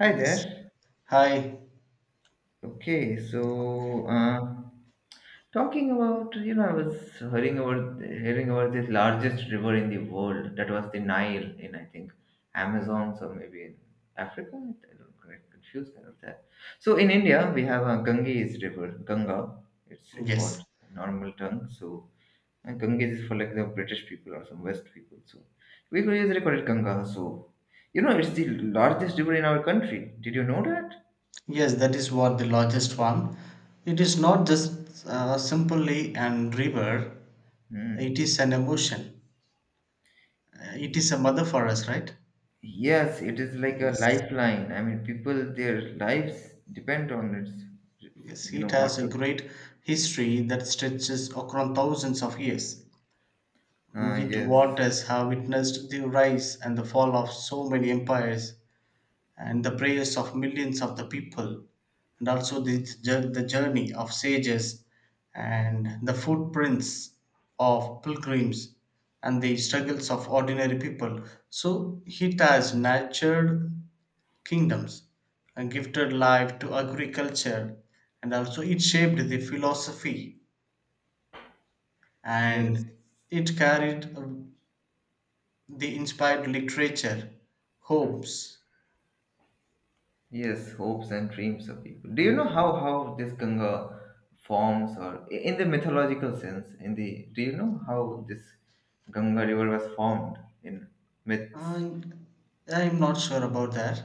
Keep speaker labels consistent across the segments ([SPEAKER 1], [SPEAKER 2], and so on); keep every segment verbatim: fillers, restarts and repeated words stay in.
[SPEAKER 1] Hi
[SPEAKER 2] Yes.
[SPEAKER 1] there.
[SPEAKER 2] Hi.
[SPEAKER 1] Okay, so uh, talking about you know I was hearing about hearing about this largest river in the world that was the Nile in, I think, Amazon or maybe in Africa. I don't get confused about that. So in India we have a Ganges River, Ganga. It's uh, called
[SPEAKER 2] Yes.
[SPEAKER 1] in normal tongue. So, and Ganges is for, like, the British people or some West people. So we could usually call it Ganga. So, you know it's the largest river in our country. Did you know that?
[SPEAKER 2] Yes, that is what the largest one. It is not just uh, simply an river. It
[SPEAKER 1] Hmm.
[SPEAKER 2] is an emotion. Uh, It is a
[SPEAKER 1] Y-
[SPEAKER 2] mother for us, right?
[SPEAKER 1] Yes, it is like a
[SPEAKER 2] Yes.
[SPEAKER 1] lifeline. I mean, people, their lives depend on it.
[SPEAKER 2] Yes.
[SPEAKER 1] You know
[SPEAKER 2] It
[SPEAKER 1] what
[SPEAKER 2] has a
[SPEAKER 1] to.
[SPEAKER 2] great history that stretches across thousands of years.
[SPEAKER 1] Ah,
[SPEAKER 2] It
[SPEAKER 1] yes,
[SPEAKER 2] waters have witnessed the rise and the fall of so many empires and the prayers of millions of the people, and also the, jour- the journey of sages, and the footprints of pilgrims, and the struggles of ordinary people. So it has nurtured kingdoms and gifted life to agriculture, and also it shaped the philosophy
[SPEAKER 1] yes,
[SPEAKER 2] and it carried uh, the inspired literature, hopes.
[SPEAKER 1] yes. Hopes and dreams of people. Do you
[SPEAKER 2] Mm.
[SPEAKER 1] know how how this Ganga forms, or i- in the mythological sense? In the do you know how this Ganga river was formed in myths?
[SPEAKER 2] And I'm not sure about that.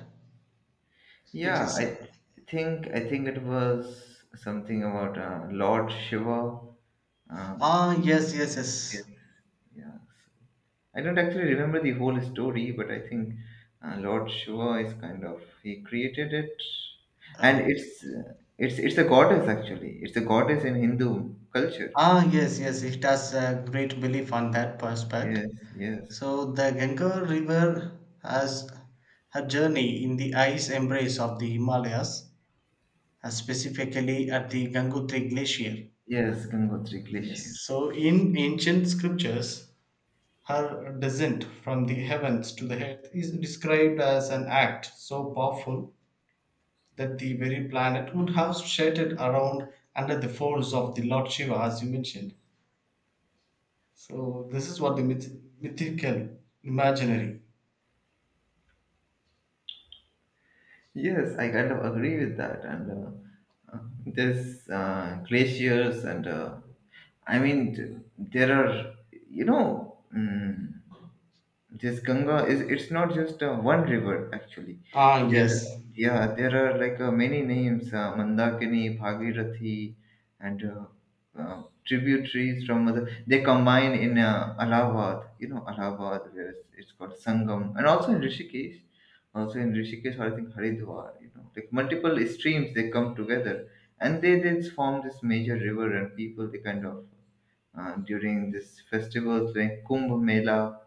[SPEAKER 2] It
[SPEAKER 1] Yeah,
[SPEAKER 2] is. uh,
[SPEAKER 1] I think I think it was something about uh, Lord Shiva. Um,
[SPEAKER 2] Ah, yes, yes,
[SPEAKER 1] yes,
[SPEAKER 2] yes.
[SPEAKER 1] yeah. I don't actually remember the whole story, but I think uh, Lord Shiva is, kind of, he created it, and
[SPEAKER 2] Oh.
[SPEAKER 1] it's uh, it's it's a goddess actually. It's a goddess in Hindu culture.
[SPEAKER 2] Ah, yes, yes. It has a great belief on that prospect.
[SPEAKER 1] Yes, yes,
[SPEAKER 2] So the Ganga River has her journey in the ice embrace of the Himalayas, uh, specifically at the Gangotri Glacier.
[SPEAKER 1] yes, Gangotri
[SPEAKER 2] Yes.
[SPEAKER 1] Glacier.
[SPEAKER 2] So in ancient scriptures, her descent from the heavens to the earth is described as an act so powerful that the very planet would have shifted around under the folds of the Lord Shiva, as you mentioned. So this is what the myth- mythical, imaginary.
[SPEAKER 1] Yes, I kind of agree with that. And uh, uh, there's uh, glaciers, and uh, I mean, th- there are, you know, mm this Ganga is, it's not just uh, one river actually.
[SPEAKER 2] Ah,
[SPEAKER 1] There,
[SPEAKER 2] yes.
[SPEAKER 1] yeah, there are, like, uh, many names: uh, Mandakini, Bhagirathi, and uh, uh, tributaries from other. They combine in uh, Allahabad. You know Allahabad, where it's, it's called Sangam, and also in Rishikesh. Also in Rishikesh, or I think Haridwar. You know, like, multiple streams, they come together, and they then form this major river, and people, they kind of, uh, during this festival like Kumbh Mela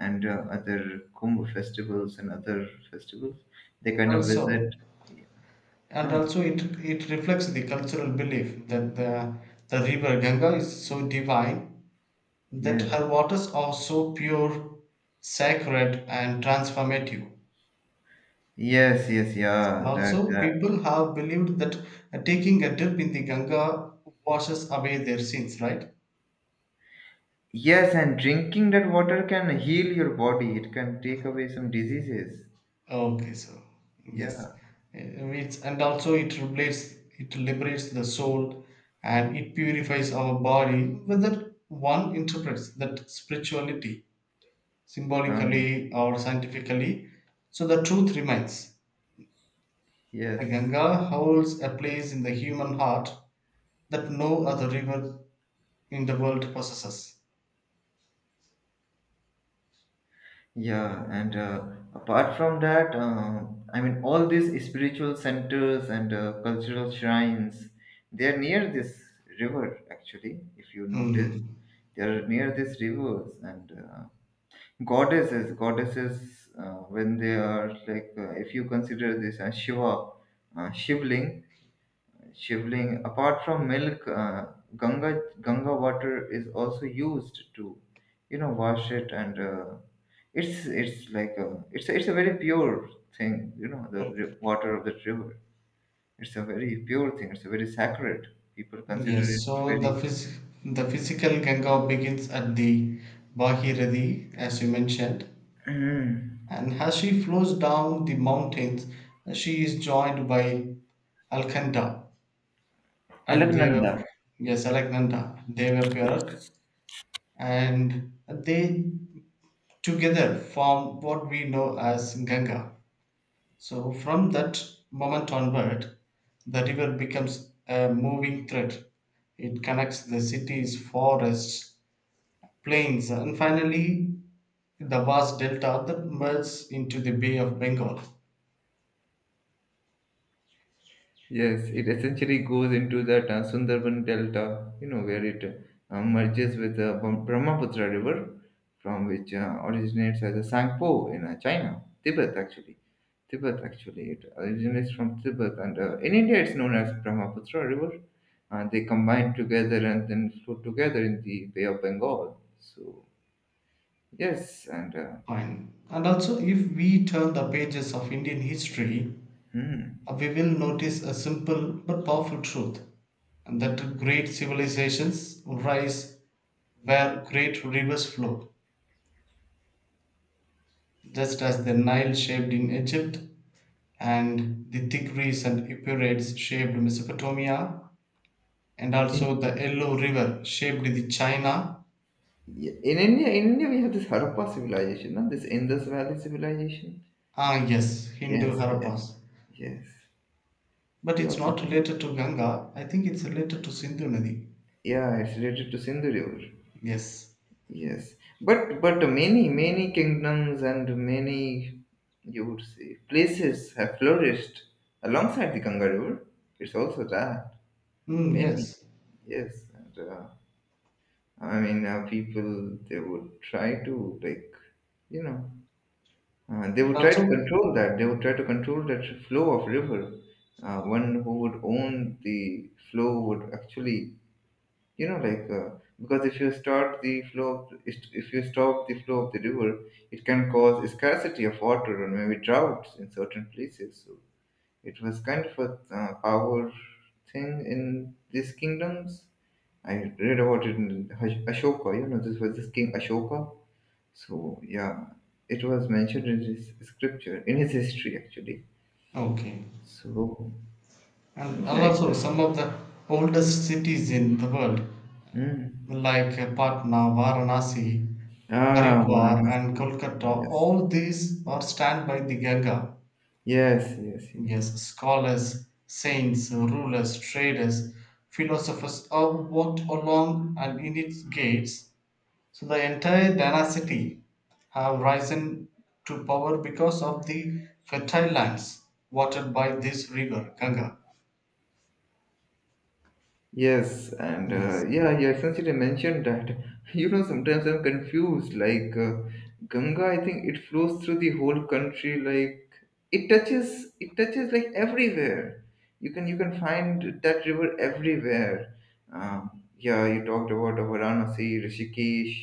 [SPEAKER 1] and uh, other Kumbh festivals and other festivals. They kind of visit.
[SPEAKER 2] Also,
[SPEAKER 1] Yeah.
[SPEAKER 2] and
[SPEAKER 1] Oh,
[SPEAKER 2] also it it reflects the cultural belief that the the river Ganga is so divine that
[SPEAKER 1] yes,
[SPEAKER 2] her waters are so pure, sacred, and transformative.
[SPEAKER 1] yes, yes,
[SPEAKER 2] And
[SPEAKER 1] yeah. That,
[SPEAKER 2] also,
[SPEAKER 1] that.
[SPEAKER 2] people have believed that taking a dip in the Ganga washes away their sins, right?
[SPEAKER 1] Yes, and drinking that water can heal your body. It can take away some diseases.
[SPEAKER 2] Okay, so
[SPEAKER 1] Yeah.
[SPEAKER 2] yes, Uh, it's and also it liberates it liberates the soul and it purifies our body. Whether one interprets that spirituality
[SPEAKER 1] Uh,
[SPEAKER 2] symbolically or scientifically, so the truth remains. The
[SPEAKER 1] yes.
[SPEAKER 2] Ganga holds a place in the human heart that no other river in the world possesses.
[SPEAKER 1] Yeah, and uh, apart from that, uh, I mean, all these spiritual centers and uh, cultural shrines, they are near this river, actually, if you notice.
[SPEAKER 2] Hmm.
[SPEAKER 1] They are near these rivers, and uh, goddesses goddesses uh, when they are like, uh, if you consider this as shiva, uh, shivling shivling apart from milk, uh, ganga ganga water is also used to, you know wash it, and uh, it's it's like a, it's a, it's a very pure thing, you know, the ri- water of the river. It's a very pure thing. It's a very sacred, people consider
[SPEAKER 2] Yes,
[SPEAKER 1] it
[SPEAKER 2] so the
[SPEAKER 1] very.
[SPEAKER 2] phys- the physical Ganga begins at the Bhagirathi, as you mentioned.
[SPEAKER 1] Mm.
[SPEAKER 2] And as she flows down the mountains, she is joined by Alkanda and Deva,
[SPEAKER 1] Alagnanda.
[SPEAKER 2] yes, Alaknanda, Devaparak,
[SPEAKER 1] Yes.
[SPEAKER 2] and they together form what we know as Ganga. So from that moment onward, the river becomes a moving thread. It connects the cities, forests, plains, and finally the vast delta that merges into the Bay of Bengal.
[SPEAKER 1] Yes, it essentially goes into that uh, Sundarban Delta, you know, where it uh, merges with the Bra- Brahmaputra River, from which uh, originates as a Sangpo in uh, China, Tibet actually. Tibet actually, it originates from Tibet, and uh, in India it's known as Brahmaputra River. And they combine together and then flow together in the Bay of Bengal. So yes, and uh,
[SPEAKER 2] Fine. And also, if we turn the pages of Indian history,
[SPEAKER 1] hmm.
[SPEAKER 2] uh, we will notice a simple but powerful truth and that great civilizations rise where great rivers flow, just as the Nile shaped in Egypt and the Tigris and Euphrates shaped Mesopotamia, and
[SPEAKER 1] in
[SPEAKER 2] also the Yellow River shaped the China.
[SPEAKER 1] India, in India we have this Harappa civilization, no? This Indus Valley civilization.
[SPEAKER 2] Ah, yes, Hindu
[SPEAKER 1] Yes, yes,
[SPEAKER 2] Harappas.
[SPEAKER 1] yes.
[SPEAKER 2] But
[SPEAKER 1] You
[SPEAKER 2] it's
[SPEAKER 1] also,
[SPEAKER 2] not related to Ganga, I think it's related to Sindhu Nadi.
[SPEAKER 1] yeah, it's related to Sindhu River.
[SPEAKER 2] Yes.
[SPEAKER 1] Yes, but but many many kingdoms and many, you would say, places have flourished alongside the Ganga River. It's also that
[SPEAKER 2] Mm,
[SPEAKER 1] many.
[SPEAKER 2] yes.
[SPEAKER 1] Yes, and uh, I mean, uh, people, they would try to, like, you know uh, they would try to
[SPEAKER 2] Also,
[SPEAKER 1] control that. They would try to control that flow of river. Uh, one who would own the flow would actually, you know like, uh, because if you start the flow of, if you stop the flow of the river, it can cause scarcity of water and maybe droughts in certain places. So it was kind of a uh, power thing in these kingdoms. I read about it in Ash- Ashoka, you know, this was this king Ashoka. So yeah, it was mentioned in his scripture, in his history actually.
[SPEAKER 2] okay.
[SPEAKER 1] So
[SPEAKER 2] And, and
[SPEAKER 1] yeah, it
[SPEAKER 2] also,
[SPEAKER 1] was,
[SPEAKER 2] some of the oldest cities in the world,
[SPEAKER 1] mm.
[SPEAKER 2] like uh, Patna, Varanasi,
[SPEAKER 1] Ah,
[SPEAKER 2] Haridwar,
[SPEAKER 1] Varanasi.
[SPEAKER 2] and Kolkata,
[SPEAKER 1] Yes,
[SPEAKER 2] all these are stand by the Ganga.
[SPEAKER 1] yes, yes, yes.
[SPEAKER 2] Yes, scholars, saints, rulers, traders, philosophers all walked along and in its gates. So the entire dynasty have risen to power because of the fertile lands watered by this river Ganga.
[SPEAKER 1] Yes, and uh,
[SPEAKER 2] Yes,
[SPEAKER 1] yeah, you essentially mentioned that. You know, sometimes I'm confused. Like, uh, Ganga, I think it flows through the whole country. Like, it touches, it touches, like, everywhere. You can you can find that river everywhere. Um, yeah, you talked about Varanasi, Rishikesh.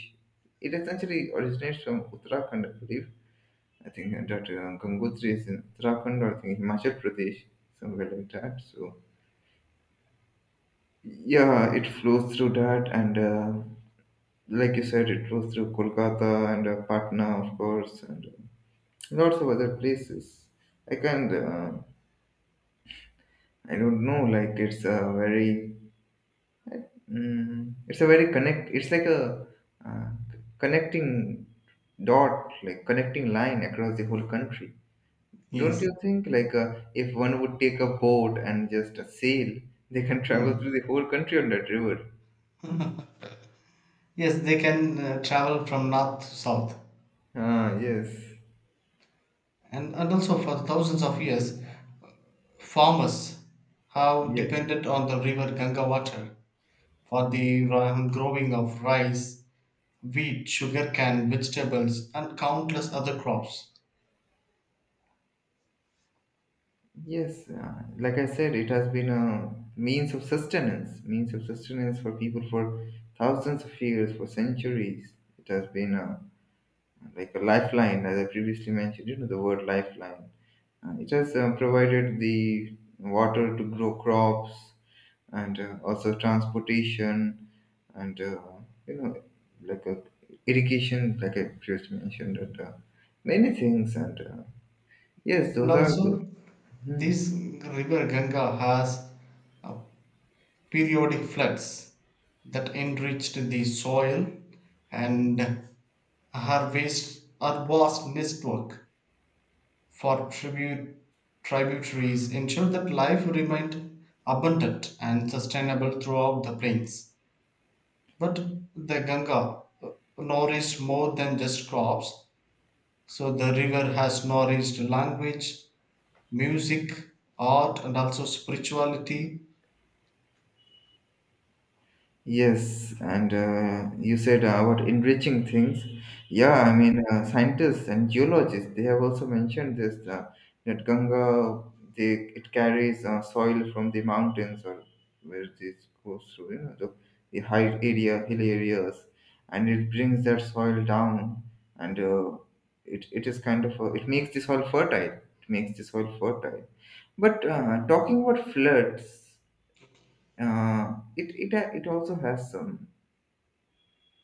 [SPEAKER 1] It essentially originates from Uttarakhand, I believe. I think that uh, Gangotri is in Uttarakhand, or I think Himachal Pradesh, somewhere like that. So. Yeah, it flows through that, and uh, like you said, it flows through Kolkata and uh, Patna, of course, and uh, lots of other places. I can't, uh, I don't know. Like it's a very, mm, it's a very connect. It's like a uh, connecting dot, like connecting line across the whole country. Don't
[SPEAKER 2] yes.
[SPEAKER 1] you think? Like, uh, if one would take a boat and just a sail, they can travel through
[SPEAKER 2] Mm,
[SPEAKER 1] the whole country on that river.
[SPEAKER 2] yes. They can uh, travel from north to south,
[SPEAKER 1] Ah, yes,
[SPEAKER 2] and and also for thousands of years, farmers have
[SPEAKER 1] yes.
[SPEAKER 2] depended on the river Ganga water for the ri- growing of rice, wheat, sugarcane, vegetables, and countless other crops.
[SPEAKER 1] Yes, uh, like I said, it has been a means of sustenance, means of sustenance for people for thousands of years, for centuries. It has been a, like a lifeline, as I previously mentioned, you know, the word lifeline. Uh, it has uh, provided the water to grow crops, and uh, also transportation, and, uh, you know, like a irrigation, like I previously mentioned, and uh, many things. And uh, yes,
[SPEAKER 2] And
[SPEAKER 1] those are the.
[SPEAKER 2] also,
[SPEAKER 1] Hmm.
[SPEAKER 2] This river Ganga has uh, periodic floods that enriched the soil and harvest vast network for tribute, tributaries ensure that life remained abundant and sustainable throughout the plains. But the Ganga uh, nourished more than just crops, so the river has nourished language, music, art, and also spirituality.
[SPEAKER 1] Yes, and uh, you said uh, about enriching things. Yeah, I mean, uh, scientists and geologists, they have also mentioned this uh, that Ganga, they, it carries uh, soil from the mountains, or where this goes through, you know, the, the, high area, hill areas, and it brings that soil down, and uh, it, it is kind of, a, it makes the soil fertile. It makes the soil fertile. But uh, talking about floods, uh, it, it it also has some.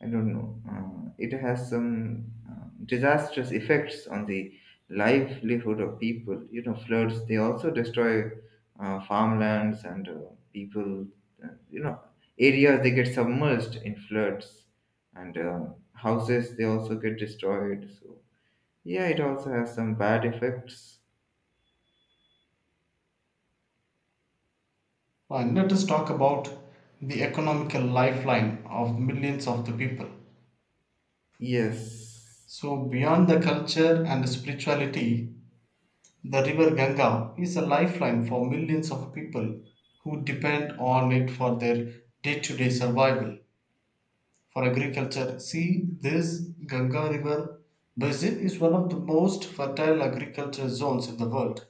[SPEAKER 1] I don't know. Uh, it has some uh, disastrous effects on the livelihood of people. You know, floods, they also destroy uh, farmlands and uh, people, uh, you know, areas, they get submerged in floods, and uh, houses, they also get destroyed. So, yeah, it also has some bad effects.
[SPEAKER 2] Well, And let us talk about the economical lifeline of millions of the people.
[SPEAKER 1] Yes,
[SPEAKER 2] So, beyond the culture and spirituality, the river Ganga is a lifeline for millions of people who depend on it for their day to day survival. For agriculture, see this Ganga River basin is one of the most fertile agriculture zones in the world.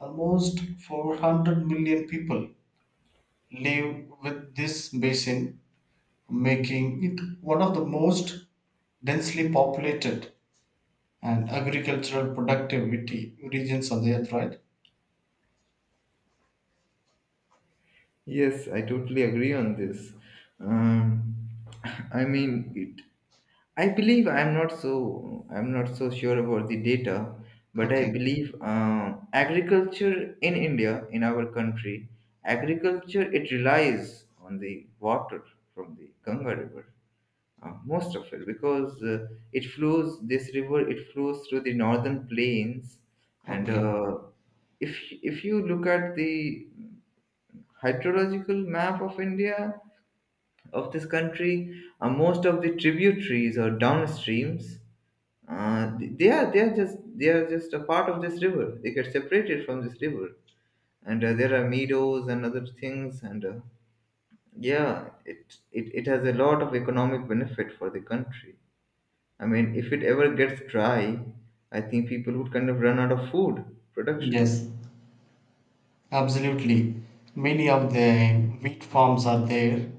[SPEAKER 2] Almost four hundred million people live with this basin, making it one of the most densely populated and agricultural productivity regions on the earth, right?
[SPEAKER 1] yes, I totally agree on this. Um, I mean, I believe I'm not so I'm not so sure about the data, but I
[SPEAKER 2] Okay,
[SPEAKER 1] believe uh, agriculture in India, in our country, agriculture, it relies on the water from the Ganga River, uh, most of it, because uh, it flows this river, it flows through the northern plains, and
[SPEAKER 2] okay.
[SPEAKER 1] uh, if if you look at the hydrological map of India, of this country, uh, most of the tributaries or downstreams, uh, they are they are just they are just a part of this river. They get separated from this river, and uh, there are meadows and other things. And uh, yeah, it, it it has a lot of economic benefit for the country. I mean, if it ever gets dry, I think people would kind of run out of food production.
[SPEAKER 2] Yes, absolutely. Many of the wheat farms are there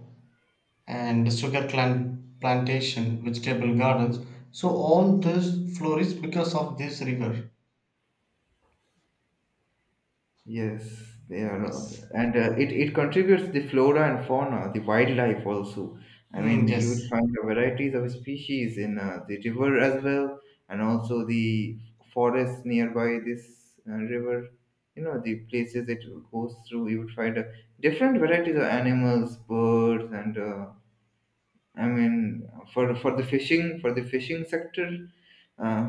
[SPEAKER 2] and sugar plant plantation, vegetable gardens. So all this flourishes because of this river.
[SPEAKER 1] Yes, they are, out.
[SPEAKER 2] Yes.
[SPEAKER 1] And uh, it it contributes the flora and fauna, the wildlife also. I mean,
[SPEAKER 2] Mm,
[SPEAKER 1] you would
[SPEAKER 2] yes.
[SPEAKER 1] find the varieties of species in uh, the river as well, and also the forests nearby this uh, river. You know, the places it goes through, you would find uh, different varieties of animals, birds, and uh, I mean, for for the fishing for the fishing sector, uh,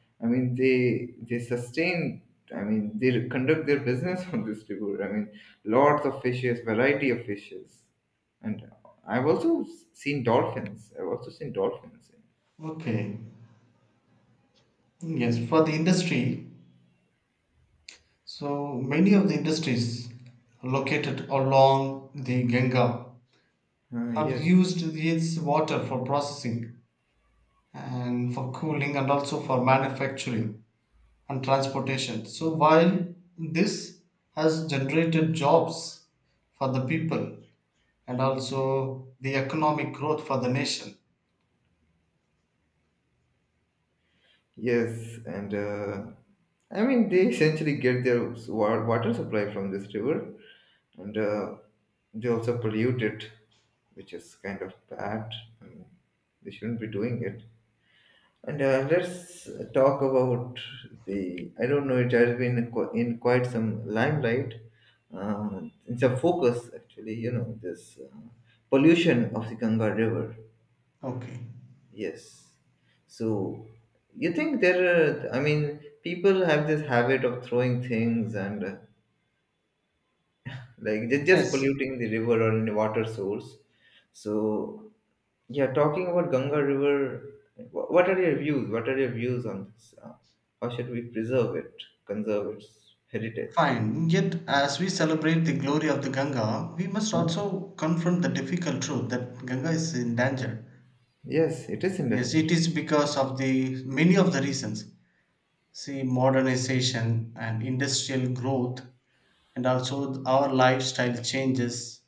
[SPEAKER 1] I mean they they sustain. I mean they conduct their business on this river. I mean lots of fishes, variety of fishes, and I've also seen dolphins. I've also seen dolphins.
[SPEAKER 2] Okay. Yes. For the industry, so many of the industries located along the Ganga
[SPEAKER 1] Uh,
[SPEAKER 2] have
[SPEAKER 1] yes.
[SPEAKER 2] used its water for processing and for cooling and also for manufacturing and transportation. So while this has generated jobs for the people and also the economic growth for the nation.
[SPEAKER 1] Yes, and uh, I mean they essentially get their wa- water supply from this river, and uh, they also pollute it, which is kind of bad. And they shouldn't be doing it. And uh, let's talk about the. I don't know. It has been qu- in quite some limelight. Uh, it's a focus, actually. You know this uh, pollution of the Ganga River.
[SPEAKER 2] Okay.
[SPEAKER 1] Yes. So you think there are, I mean, people have this habit of throwing things, and uh, like, they're just
[SPEAKER 2] Yes,
[SPEAKER 1] polluting the river or any water source. So yeah, talking about Ganga River, wh- what are your views? What are your views on this? Uh, how should we preserve it, conserve its heritage?
[SPEAKER 2] fine. Yet, as we celebrate the glory of the Ganga, we must
[SPEAKER 1] Huh?
[SPEAKER 2] also confront the difficult truth that Ganga is in danger.
[SPEAKER 1] Yes, it is in
[SPEAKER 2] Yes,
[SPEAKER 1] danger.
[SPEAKER 2] it is because of the many of the reasons. See, modernization and industrial growth, and also our lifestyle changes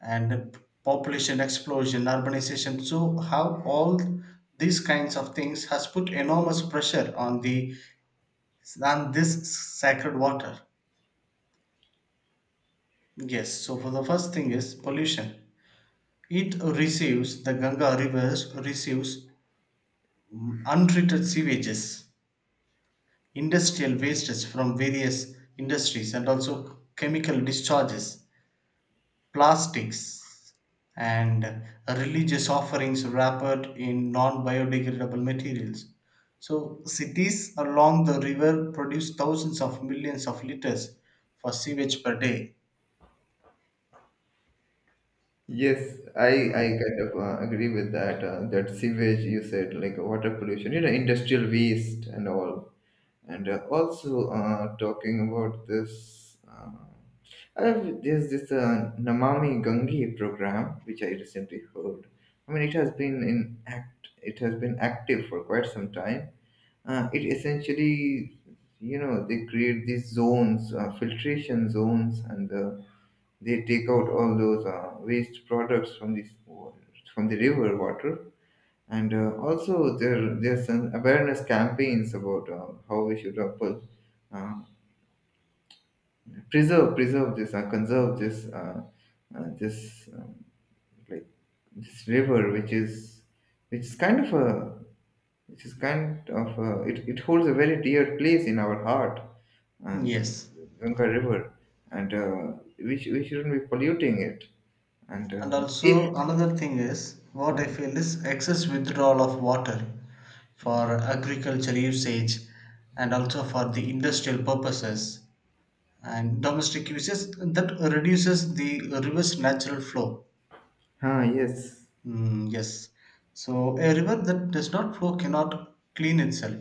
[SPEAKER 2] and the population explosion, urbanization. So, how all these kinds of things has put enormous pressure on the on this sacred water. Yes. So, for the first thing is pollution. It receives the Ganga rivers receives untreated sewages, industrial wastes from various industries, and also chemical discharges, plastics, and religious offerings wrapped in non biodegradable materials. So, cities along the river produce thousands of millions of liters for sewage per day.
[SPEAKER 1] Yes, I I
[SPEAKER 2] Mm,
[SPEAKER 1] kind of uh, agree with that. Uh, that sewage you said, like water pollution, you know, industrial waste and all. And uh, also uh, talking about this, um, uh, I have- there's this uh, Namami Gange program which I recently heard. I mean, it has been in act, it has been active for quite some time. Uh, it essentially, you know, they create these zones, uh, filtration zones, and uh, they take out all those uh, waste products from this from the river water. And uh, also there there's some awareness campaigns about uh, how we should uh, put, uh, preserve preserve this, uh, conserve this uh, uh, this um, like this river which is, which is kind of a, which is kind of a, it, it holds a very dear place in our heart. And
[SPEAKER 2] yes.
[SPEAKER 1] Ganga river, and uh, we, sh- we shouldn't be polluting it. And
[SPEAKER 2] And
[SPEAKER 1] uh, if
[SPEAKER 2] also, another thing is what
[SPEAKER 1] uh,
[SPEAKER 2] I feel is excess withdrawal of water for agricultural usage and also for the industrial purposes and domestic uses that reduces the river's natural flow.
[SPEAKER 1] ah, yes.
[SPEAKER 2] Mm, yes. So a river that does not flow cannot clean itself.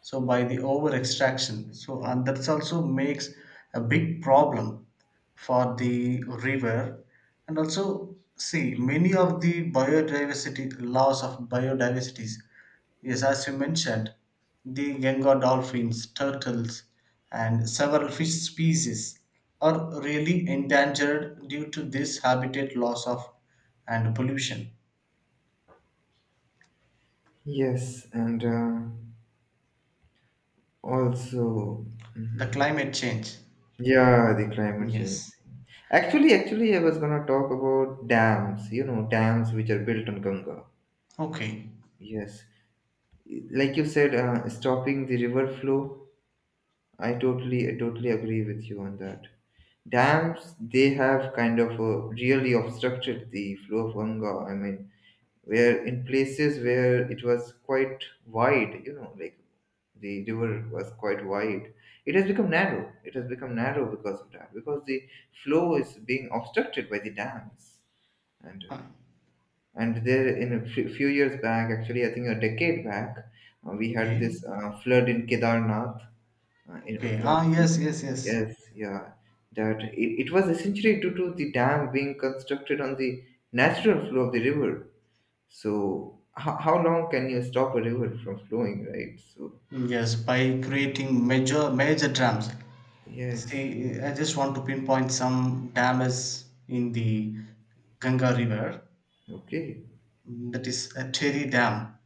[SPEAKER 2] So by the over extraction. So and that's also makes a big problem for the river. And also see many of the biodiversity loss of biodiversities. Yes, as you mentioned, the Genga dolphins, turtles, and several fish species are really endangered due to this habitat loss of and pollution.
[SPEAKER 1] Yes, and uh, also,
[SPEAKER 2] The
[SPEAKER 1] mhm,
[SPEAKER 2] climate change.
[SPEAKER 1] yeah, the climate change
[SPEAKER 2] Yes.
[SPEAKER 1] thing. Actually, actually, I was gonna talk about dams. You know, dams which are built on Ganga.
[SPEAKER 2] Okay.
[SPEAKER 1] Yes, like you said, uh, stopping the river flow. I totally, I totally agree with you on that. Dams, they have kind of uh, really obstructed the flow of Ganga. I mean, where in places where it was quite wide, you know, like the river was quite wide, it has become narrow. It has become narrow because of that, because the flow is being obstructed by the dams. And uh,
[SPEAKER 2] Ah,
[SPEAKER 1] and there, in a few few years back, actually, I think a decade back, uh, we had
[SPEAKER 2] okay.
[SPEAKER 1] this uh, flood in Kedarnath, uh, in
[SPEAKER 2] Okay. Ah, yes,
[SPEAKER 1] Uttarakhand.
[SPEAKER 2] yes, yes.
[SPEAKER 1] Yes, yeah, that it, it was essentially due to the dam being constructed on the natural flow of the river. So how, how long can you stop a river from flowing, right? So
[SPEAKER 2] Yes, by creating major major dams.
[SPEAKER 1] yes,
[SPEAKER 2] See, I just want to pinpoint some dams in the Ganga River.
[SPEAKER 1] okay.
[SPEAKER 2] That is a Terry Dam.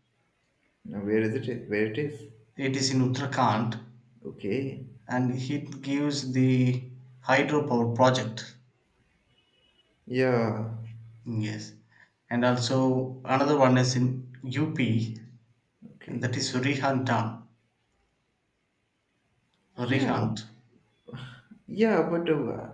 [SPEAKER 1] Now where is it? Where it is?
[SPEAKER 2] It is in Uttarakhand,
[SPEAKER 1] Okay.
[SPEAKER 2] and it gives the hydropower project.
[SPEAKER 1] Yeah.
[SPEAKER 2] Yes, and also another one is in U P, and
[SPEAKER 1] Okay.
[SPEAKER 2] that is Rihand Dam. Rihand.
[SPEAKER 1] Yeah. Yeah. But uh,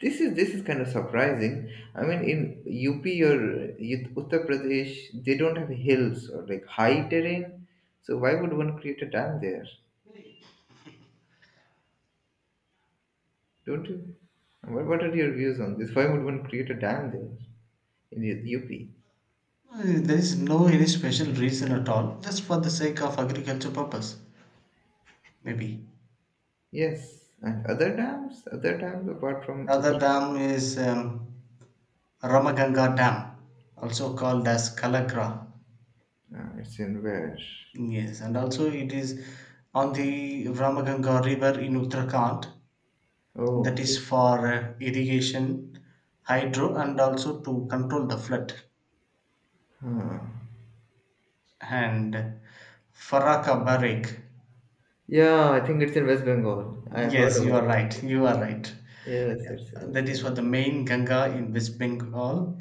[SPEAKER 1] this is this is kind of surprising. I mean, in U P or Ut- Uttar Pradesh, they don't have hills or like high terrain. So why would one create a dam there? Don't you? What, what are your views on this? Why would one create a dam there in U- UP?
[SPEAKER 2] Uh, There is no any special reason at all, just for the sake of agriculture purpose, maybe.
[SPEAKER 1] Yes, and other dams, other dams apart from
[SPEAKER 2] Another
[SPEAKER 1] Uttarakhand.
[SPEAKER 2] dam is um, Ramaganga Dam, also called as Kalagra.
[SPEAKER 1] Uh, it's in where?
[SPEAKER 2] Yes, and also it is on the Ramaganga River in Uttarakhand.
[SPEAKER 1] Oh,
[SPEAKER 2] That is
[SPEAKER 1] okay.
[SPEAKER 2] for uh, irrigation, hydro, and also to control the flood.
[SPEAKER 1] Huh.
[SPEAKER 2] And Faraka Barek.
[SPEAKER 1] Yeah, I think it's in West Bengal. I heard
[SPEAKER 2] Yes, you
[SPEAKER 1] about
[SPEAKER 2] are
[SPEAKER 1] it.
[SPEAKER 2] right. You are right.
[SPEAKER 1] Yes, it's in West
[SPEAKER 2] That is for
[SPEAKER 1] Bengal.
[SPEAKER 2] the main Ganga in West Bengal,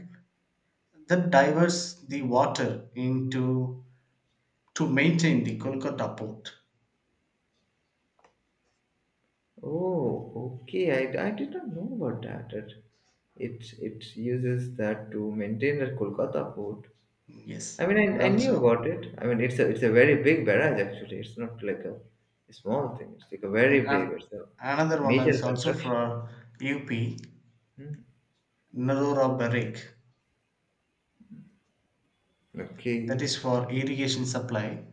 [SPEAKER 2] that diverts the water into to maintain the Kolkata port.
[SPEAKER 1] Oh, okay. I, I did not know about that. It it, it uses that to maintain the Kolkata port. I
[SPEAKER 2] Yes,
[SPEAKER 1] mean,
[SPEAKER 2] and
[SPEAKER 1] I, I knew
[SPEAKER 2] also
[SPEAKER 1] about it. I mean, it's a it's a very big barrage actually. It's not like a small thing. It's like a very
[SPEAKER 2] and, and
[SPEAKER 1] big. It's a
[SPEAKER 2] another one
[SPEAKER 1] major
[SPEAKER 2] is also
[SPEAKER 1] construction.
[SPEAKER 2] for U P,
[SPEAKER 1] Hmm.
[SPEAKER 2] Narora Barik, that is
[SPEAKER 1] Okay.
[SPEAKER 2] for irrigation supply,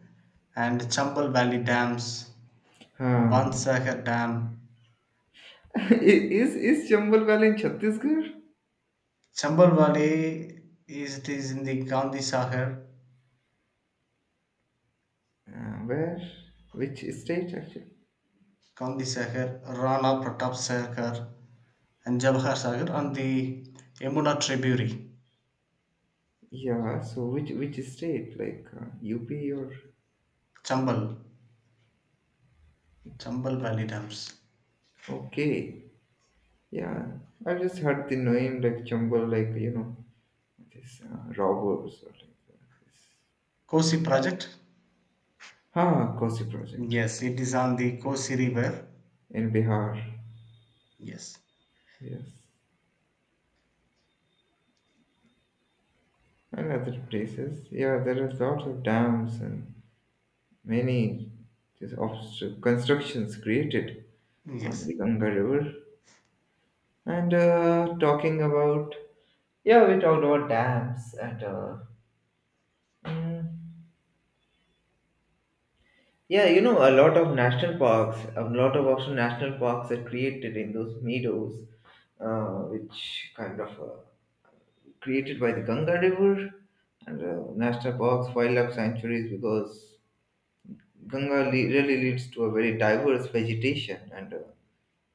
[SPEAKER 2] and Chambal Valley dams,
[SPEAKER 1] हाँ,
[SPEAKER 2] Bansagar Dam.
[SPEAKER 1] i- is is Chambal Valley in Chhattisgarh?
[SPEAKER 2] Chambal Valley is it is in the Gandhi Sagar,
[SPEAKER 1] Uh, where? Which state actually?
[SPEAKER 2] Gandhi Sagar, Rana Pratap Sagar, and Jawahar Sagar on the Yamuna tributary,
[SPEAKER 1] Yeah, so which which state? Like uh, U P or?
[SPEAKER 2] Chambal. Chambal Valley Dams.
[SPEAKER 1] Okay, yeah. I've just heard the name like Chambal, like you know, this uh, robbers or like uh,
[SPEAKER 2] Kosi
[SPEAKER 1] this.
[SPEAKER 2] project?
[SPEAKER 1] Ah, Kosi project. Yes,
[SPEAKER 2] Yes, it is on the Kosi River.
[SPEAKER 1] in Bihar.
[SPEAKER 2] Yes.
[SPEAKER 1] Yes, and other places. Yeah, there are lots of dams and many just obstacle constructions created on
[SPEAKER 2] Yes.
[SPEAKER 1] the Ganga River. And uh, talking about, yeah, we talked about dams and, uh, mm, yeah, you know, a lot of national parks, a lot of also national parks are created in those meadows, uh, which kind of uh, created by the Ganga River, and uh, national parks, wildlife sanctuaries, because Ganga le- really leads to a very diverse vegetation and, uh,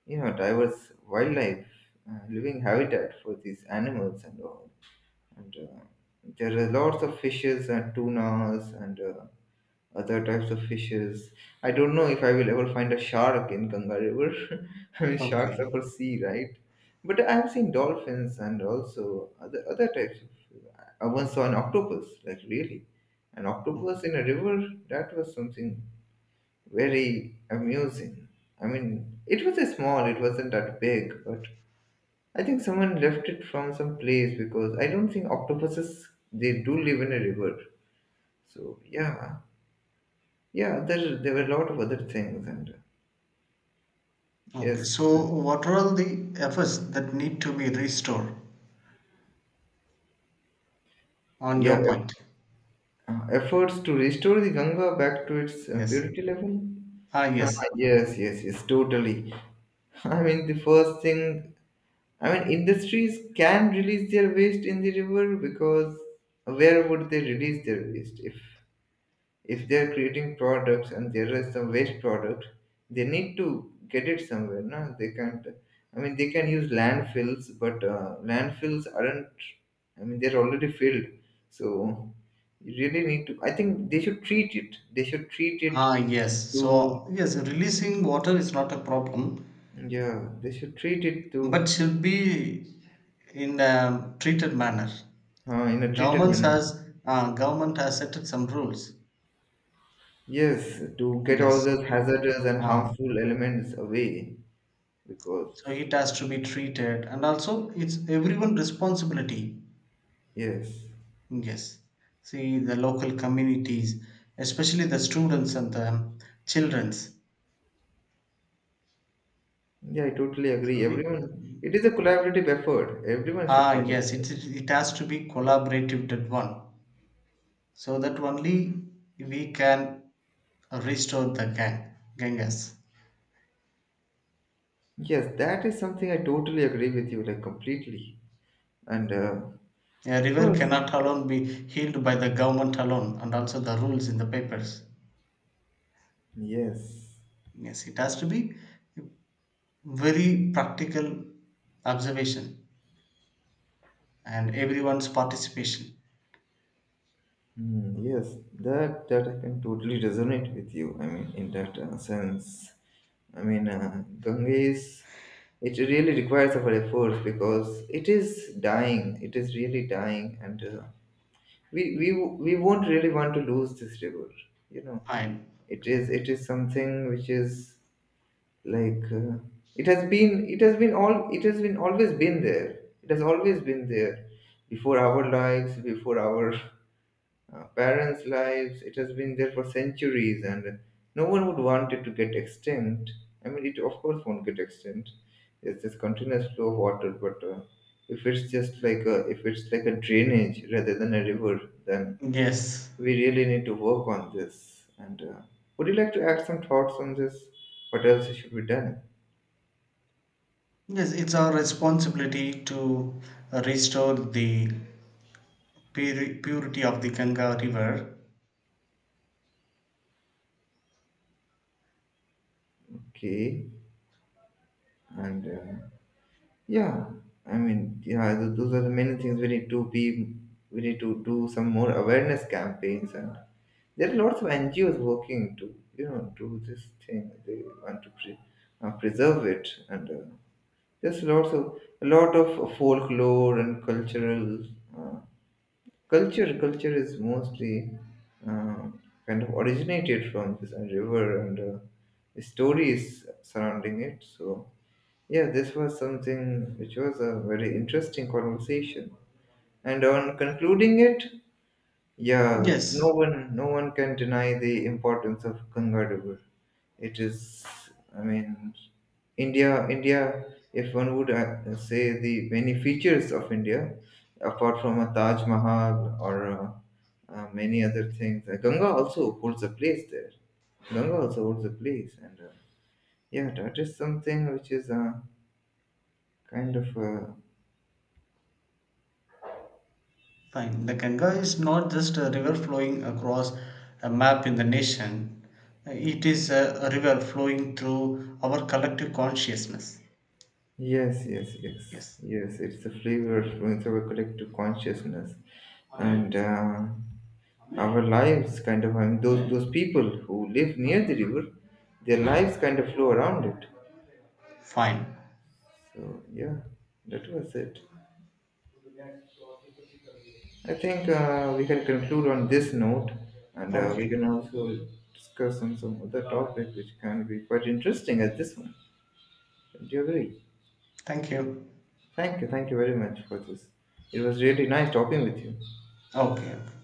[SPEAKER 1] you know, diverse wildlife, uh, living habitat for these animals and all. And uh, there are lots of fishes and tunas and uh, other types of fishes. I don't know if I will ever find a shark in Ganga River. I mean, sharks are
[SPEAKER 2] Okay.
[SPEAKER 1] for sea, right? But I have seen dolphins and also other other types of. I once saw an octopus, like really, an octopus in a river. That was something very amusing. I mean, it was a small. It wasn't that big, but I think someone left it from some place because I don't think octopuses they do live in a river. So yeah, yeah, there there were a lot of other things and uh,
[SPEAKER 2] Okay.
[SPEAKER 1] yes,
[SPEAKER 2] So,
[SPEAKER 1] so,
[SPEAKER 2] what are all the efforts that need to be restored on
[SPEAKER 1] yeah,
[SPEAKER 2] your
[SPEAKER 1] eff-
[SPEAKER 2] point?
[SPEAKER 1] uh, efforts to restore the Ganga back to its uh,
[SPEAKER 2] Yes.
[SPEAKER 1] purity level.
[SPEAKER 2] Ah,
[SPEAKER 1] Ah,
[SPEAKER 2] yes.
[SPEAKER 1] yes, yes, yes, totally. I mean, the first thing, I mean, industries can release their waste in the river because where would they release their waste if If they're creating products and there is some waste product, they need to get it somewhere. No, they can't. I mean, they can use landfills, but uh, landfills aren't. I mean, they're already filled, so you really need to. I think they should treat it. They should treat it
[SPEAKER 2] Ah, yes.
[SPEAKER 1] to.
[SPEAKER 2] So, yes, releasing water is not a problem,
[SPEAKER 1] Yeah, they should treat it
[SPEAKER 2] but
[SPEAKER 1] to
[SPEAKER 2] should be in a treated manner.
[SPEAKER 1] uh, in a treated
[SPEAKER 2] Governments
[SPEAKER 1] manner.
[SPEAKER 2] has uh, government has set some rules.
[SPEAKER 1] Yes, to get all
[SPEAKER 2] Yes.
[SPEAKER 1] those hazardous and
[SPEAKER 2] Ah,
[SPEAKER 1] harmful elements away because
[SPEAKER 2] so it has to be treated, and also it's everyone responsibility.
[SPEAKER 1] yes.
[SPEAKER 2] Yes, see the local communities, especially the students and the children's.
[SPEAKER 1] Yeah, I totally
[SPEAKER 2] so
[SPEAKER 1] agree.
[SPEAKER 2] it,
[SPEAKER 1] Everyone, it is a collaborative effort. Everyone should
[SPEAKER 2] ah, yes,
[SPEAKER 1] participate.
[SPEAKER 2] it, it it has to be collaborative, that one, so that only we can restore the gang ganges.
[SPEAKER 1] Yes, that is something I totally agree with you, like completely. And uh,
[SPEAKER 2] A
[SPEAKER 1] of
[SPEAKER 2] river
[SPEAKER 1] course,
[SPEAKER 2] cannot alone be healed by the government alone and also the rules in the papers.
[SPEAKER 1] yes.
[SPEAKER 2] Yes, it has to be very practical observation and everyone's participation.
[SPEAKER 1] Hmm, yes, that that I can totally resonate with you. I mean, in that uh, sense, I mean, uh, Ganges, it really requires our efforts because it is dying. It is really dying, and uh, we we we won't really want to lose this river, you know.
[SPEAKER 2] Fine.
[SPEAKER 1] It is it is something which is like uh, it has been it has been all it has been always been there, it has always been there before our lives, before our uh, parents lives, it has been there for centuries, and no one would want it to get extinct. I mean, it of course won't get extinct, it's this continuous flow of water. But uh, if it's just like a if it's like a drainage rather than a river, then
[SPEAKER 2] Yes.
[SPEAKER 1] we really need to work on this. And uh, would you like to add some thoughts on this? What else should be done?
[SPEAKER 2] Yes, it's our responsibility to restore the puri- purity of the Ganga River.
[SPEAKER 1] Okay. And uh, yeah, I mean, yeah, th- those are the many things we need to be. We need to do some more awareness campaigns, and there are lots of N G Os working to you know do this thing. They want to pre- uh, preserve it, and uh, there's lots of a lot of folklore and cultural. Uh, Culture, culture is mostly um, kind of originated from this river, and uh, the stories surrounding it. So yeah, this was something which was a very interesting conversation. And on concluding it, yeah, no
[SPEAKER 2] Yes,
[SPEAKER 1] one, no one can deny the importance of Ganga River. It is, I mean, India, India. If one would uh, say the many features of India, apart from a Taj Mahal or uh, uh, many other things, uh, Ganga also holds a place there. Ganga also holds a place, and uh, yeah, that is something which is uh, kind of. Uh,
[SPEAKER 2] fine. The Ganga is not just a river flowing across a map in the nation, it is a a river flowing through our collective consciousness.
[SPEAKER 1] Yes, yes, yes,
[SPEAKER 2] Yes,
[SPEAKER 1] yes. It's the flavor influence our collective consciousness, and uh, our lives kind of. I mean, those those people who live near the river, their lives kind of flow around it.
[SPEAKER 2] fine.
[SPEAKER 1] So yeah, that was it. I think uh, we can conclude on this note, and uh, we
[SPEAKER 2] Okay,
[SPEAKER 1] can also discuss on some other topic which can be quite interesting as this one. Do you agree?
[SPEAKER 2] thank you.
[SPEAKER 1] Thank you, thank you very much for this. It was really nice talking with you.
[SPEAKER 2] Okay, okay.